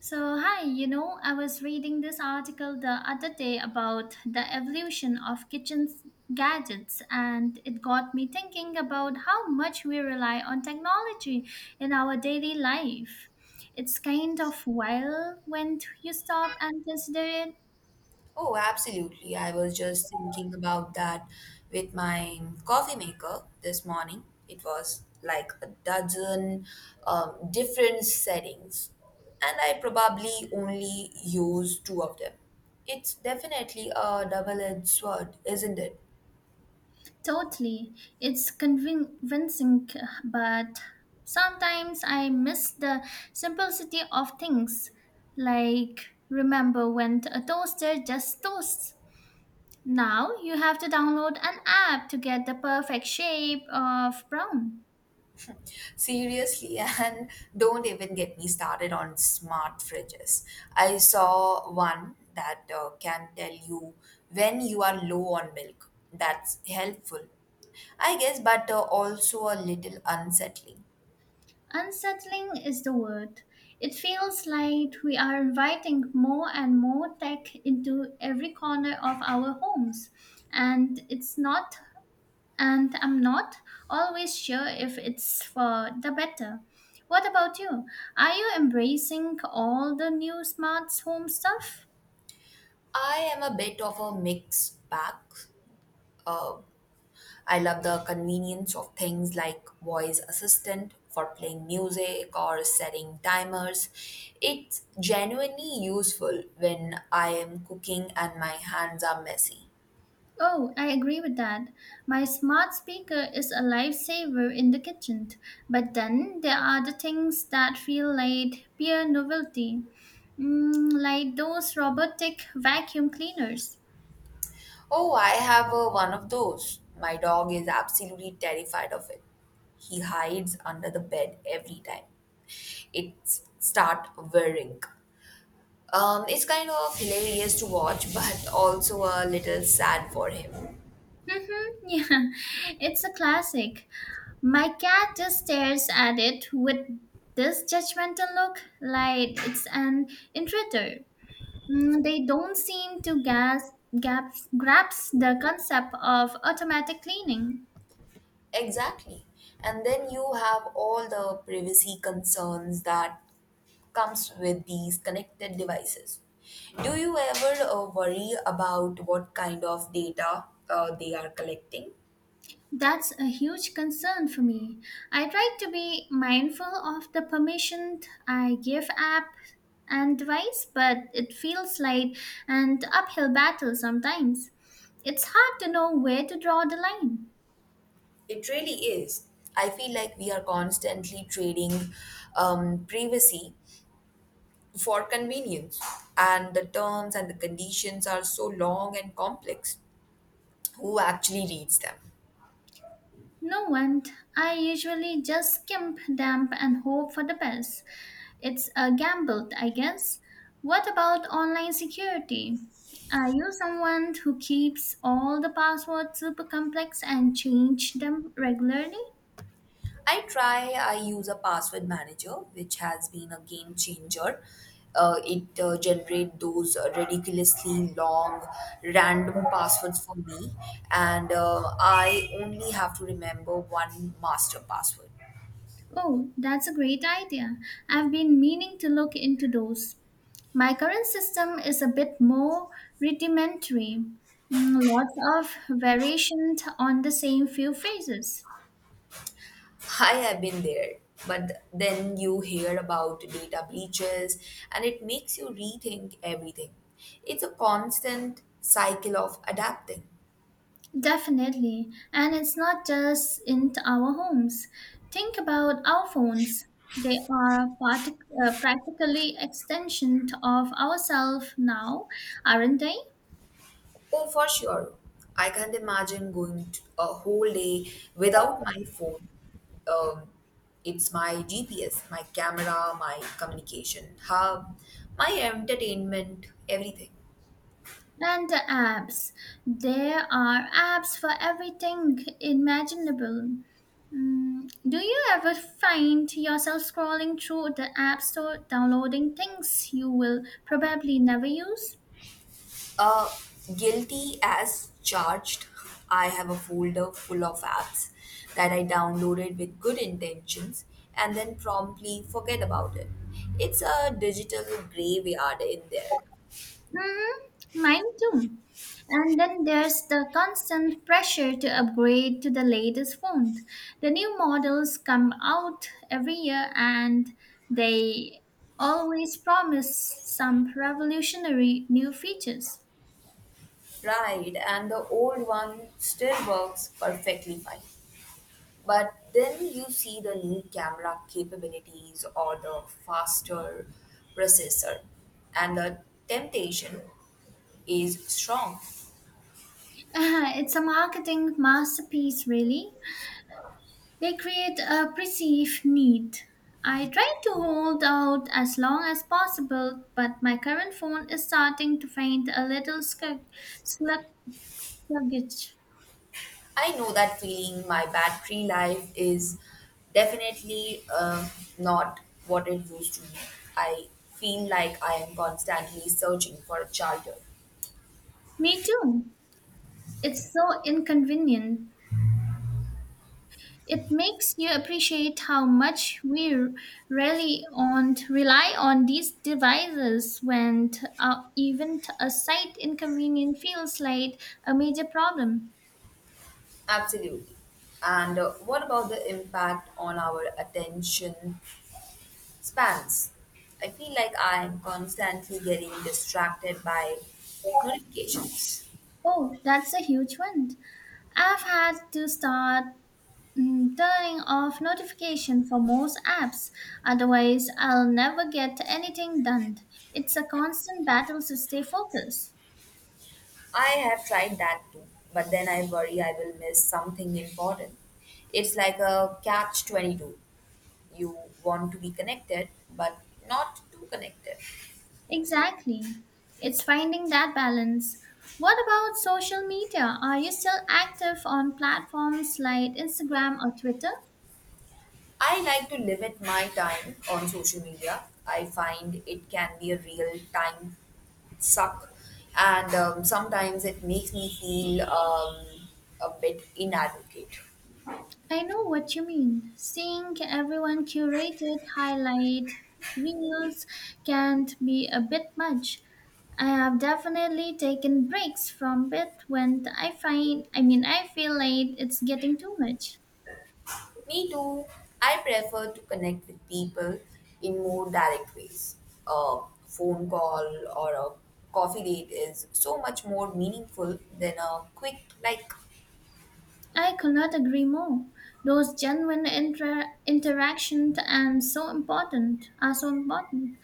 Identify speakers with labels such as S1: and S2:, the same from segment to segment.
S1: So, hi, I was reading this article the other day about the evolution of kitchen gadgets, and it got me thinking about how much we rely on technology in our daily life. It's kind of wild when you stop and consider it
S2: Oh, absolutely. I was just thinking about that with my coffee maker this morning. It was like a dozen different settings, and I probably only used two of them. It's definitely a double edged sword, isn't it?
S1: totally. It's convincing, but sometimes I miss the simplicity of things. Like, remember when a toaster just toasts? Now you have to download an app to get the perfect shape of brown.
S2: Seriously, and don't even get me started on smart fridges. I saw one that can tell you when you are low on milk. That's helpful, I guess, but also a little unsettling.
S1: Unsettling is the word. It feels like we are inviting more and more tech into every corner of our homes. And it's not, and I'm not always sure if it's for the better. What about you? Are you embracing all the new smart home stuff?
S2: I am a bit of a mixed bag. Uh, I love the convenience of things like voice assistant for playing music or setting timers. It's genuinely useful when I am cooking and my hands are messy.
S1: Oh, I agree with that. My smart speaker is a lifesaver in the kitchen, but then there are the things that feel like pure novelty, like those robotic vacuum cleaners.
S2: Oh, I have one of those. My dog is absolutely terrified of it. He hides under the bed every time it start whirring. It's kind of hilarious to watch, but also a little sad for him.
S1: Mhm, yeah, it's a classic. My cat just stares at it with this judgmental look, like it's an intruder. They don't seem to grasp the concept of automatic cleaning.
S2: Exactly. And then you have all the privacy concerns that comes with these connected devices. Do you ever worry about what kind of data they are collecting?
S1: That's a huge concern for me. I try to be mindful of the permission I give app and device, but it feels like an uphill battle sometimes. It's hard to know where to draw the line.
S2: It really is. I feel like we are constantly trading privacy for convenience, and the terms and the conditions are so long and complex. Who actually reads them?
S1: No one. I usually just skimp, dump, and hope for the best. It's a gamble, I guess. What about online security? Are you someone who keeps all the passwords super complex and change them regularly?
S2: I try, I use a password manager, which has been a game changer. It generate those ridiculously long random passwords for me and I only have to remember one master password.
S1: Oh, that's a great idea. I've been meaning to look into those. My current system is a bit more rudimentary, lots of variation on the same few phrases.
S2: I have been there, but then you hear about data breaches and it makes you rethink everything. It's a constant cycle of adapting.
S1: Definitely. And it's not just in our homes. Think about our phones. They are practically extension of ourselves now, aren't they?
S2: Oh, for sure. I can't imagine going t a whole day without my phone. Um, it's my GPS, my camera, my communication hub, my entertainment, everything.
S1: And the apps. There are apps for everything imaginable. Do you ever find yourself scrolling through the app store, downloading things you will probably never use?
S2: Uh, Guilty as charged. I have a folder full of apps that I downloaded with good intentions and then promptly forget about it. It's a digital graveyard in there.
S1: Mm, Mine too. And then there's the constant pressure to upgrade to the latest phone. The new models come out every year and they always promise some revolutionary new features.
S2: Right, and the old one still works perfectly fine. But then you see the new camera capabilities or the faster processor, and the temptation is strong.
S1: It's a marketing masterpiece, really. They create a perceived need. I try to hold out as long as possible, but my current phone is starting to faint a little Luggage.
S2: I know that feeling. My battery life is definitely not what it used to be. I feel like I am constantly searching for a charger.
S1: Me too. It's so inconvenient. It makes you appreciate how much we really on rely on these devices when even a slight inconvenience feels like a major problem.
S2: Absolutely. And what about the impact on our attention spans? I feel like I am constantly getting distracted by notifications.
S1: Oh, that's a huge one. I've had to start turning off notification for most apps. Otherwise, I'll never get anything done. It's a constant battle to stay focused.
S2: I have tried that too, but then I worry I will miss something important. It's like a catch 22. You want to be connected, but not too connected.
S1: Exactly. It's finding that balance. What about social media? Are you still active on platforms like Instagram or Twitter?
S2: I like to limit my time on social media. I find it can be a real time suck, and sometimes it makes me feel a bit inadequate.
S1: I know what you mean. Seeing everyone curated highlight reels can be a bit much. I have definitely taken breaks from it when I find I mean I feel like it's getting too much.
S2: Me too. I prefer to connect with people in more direct ways. A phone call or a coffee date is so much more meaningful than a quick like.
S1: I could not agree more. Those genuine interactions and so important are so important.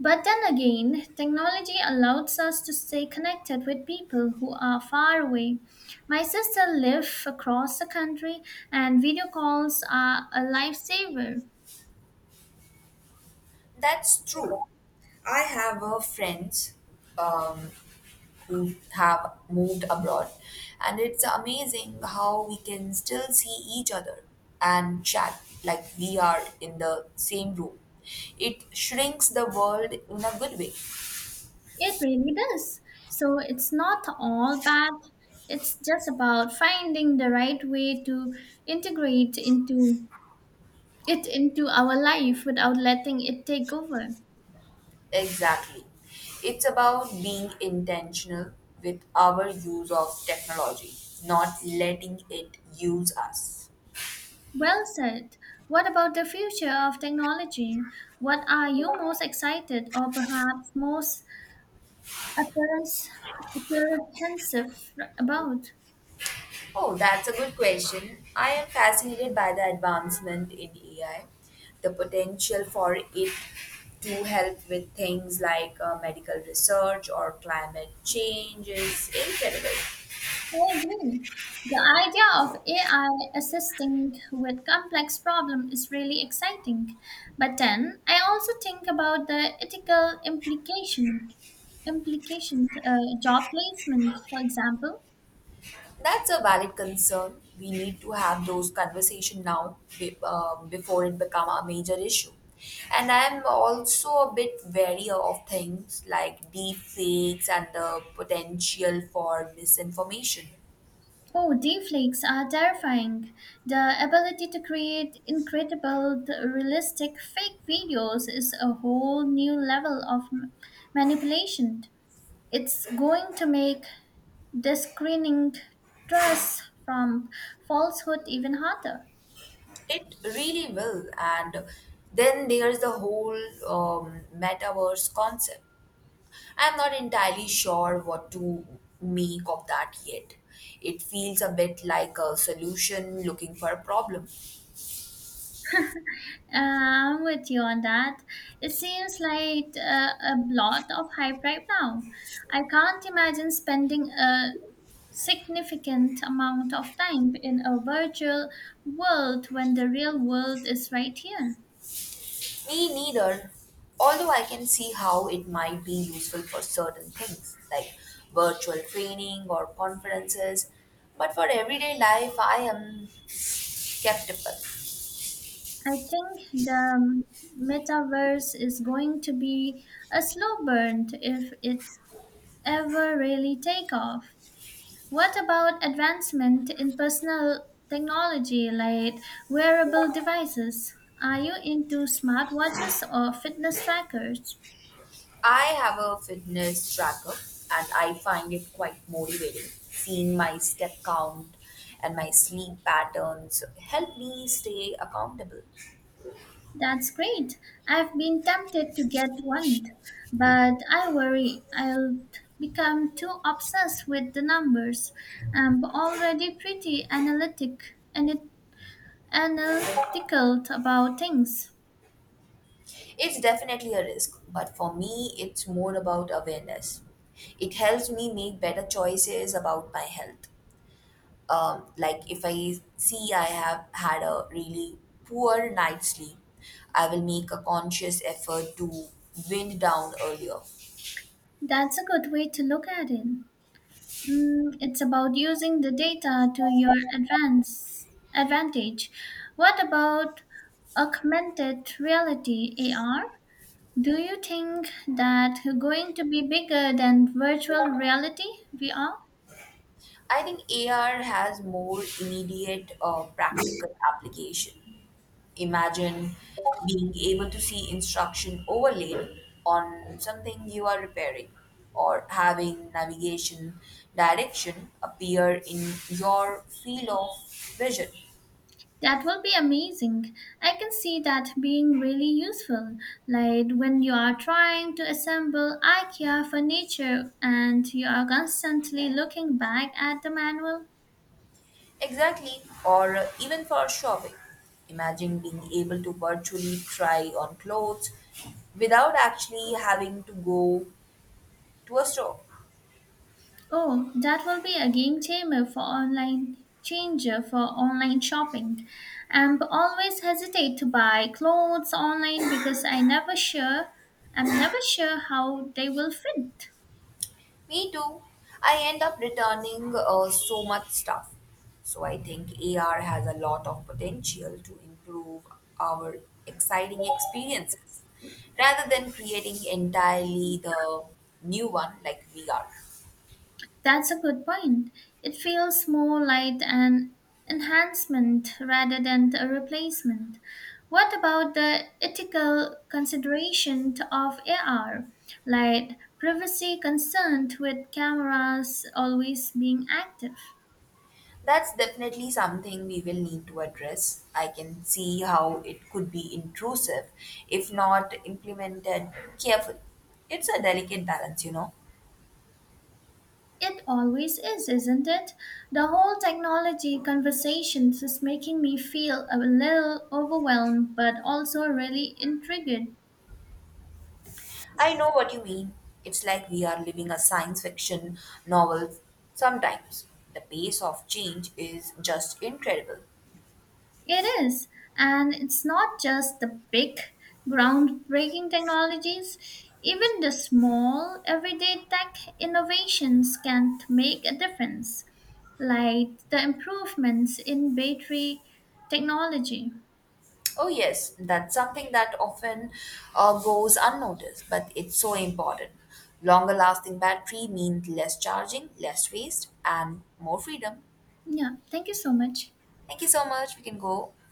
S1: But then again, technology allows us to stay connected with people who are far away. My sister lives across the country and video calls are a lifesaver.
S2: That's true. I have a friend Um, who have moved abroad. And it's amazing how we can still see each other and chat like we are in the same room. It shrinks the world in a good way.
S1: It really does. So it's not all bad. It's just about finding the right way to integrate into it into our life without letting it take over.
S2: Exactly. It's about being intentional with our use of technology, not letting it use us.
S1: Well said. What about the future of technology? What are you most excited or perhaps most apprehens- apprehensive about?
S2: Oh, that's a good question. I am fascinated by the advancement in AI, the potential for it to help with things like medical research or climate change is incredible.
S1: I agree. The idea of AI assisting with complex problem is really exciting. But then I also think about the ethical implications, job placement, for example.
S2: That's a valid concern. We need to have those conversation now before it become a major issue. And I'm also a bit wary of things like deep fakes and the potential for misinformation.
S1: Oh, deepfakes are terrifying. The ability to create incredible, realistic fake videos is a whole new level of manipulation. It's going to make discerning trust from falsehood even harder.
S2: It really will. And then there's the whole metaverse concept. I'm not entirely sure what to make of that yet. It feels a bit like a solution looking for a problem.
S1: I'm with you on that. It seems like a lot of hype right now. I can't imagine spending a significant amount of time in a virtual world when the real world is right here.
S2: Me neither, although I can see how it might be useful for certain things like virtual training or conferences. But for everyday life, I am skeptical.
S1: I think the metaverse is going to be a slow burn if it ever really take off. What about advancement in personal technology like wearable devices? Are you into smartwatches or fitness trackers?
S2: I have a fitness tracker and I find it quite motivating. Seeing my step count and my sleep patterns help me stay accountable.
S1: That's great. I've been tempted to get one, but I worry I'll become too obsessed with the numbers. I'm already pretty and it, analytical about things.
S2: It's definitely a risk, but for me, it's more about awareness. It helps me make better choices about my health. Like if I see I have had a really poor night's sleep, I will make a conscious effort to wind down earlier.
S1: That's a good way to look at it. It's about using the data to your advance advantage. What about augmented reality (AR)? Do you think that going to be bigger than virtual reality VR?
S2: I think AR has more immediate practical application. Imagine being able to see instruction overlaid on something you are repairing or having navigation direction appear in your field of vision.
S1: That will be amazing. I can see that being really useful, like when you are trying to assemble IKEA furniture and you are constantly looking back at the manual.
S2: Exactly, or even for shopping. Imagine being able to virtually try on clothes without actually having to go to a store.
S1: Oh, that will be a game changer for online shopping. I'm always hesitate to buy clothes online because I never sure I'm never sure how they will fit.
S2: Me too. I end up returning so much stuff. So I think AR has a lot of potential to improve our exciting experiences rather than creating entirely the new one like VR.
S1: That's a good point. It feels more like an enhancement rather than a replacement. What about the ethical consideration of AR, like privacy concerned with cameras always being active?
S2: That's definitely something we will need to address. I can see how it could be intrusive if not implemented carefully. It's a delicate balance, you know.
S1: It always is, isn't it? The whole technology conversations is making me feel a little overwhelmed but also really intrigued.
S2: I know what you mean. It's like we are living a science fiction novel sometimes. The pace of change is just incredible.
S1: It is. And it's not just the big, groundbreaking technologies, even the small, everyday tech innovations can make a difference, like the improvements in battery technology.
S2: Oh, yes, that's something that often goes unnoticed, but it's so important. Longer lasting battery means less charging, less waste, and more freedom.
S1: Yeah, thank you so much.
S2: Thank you so much. We can go.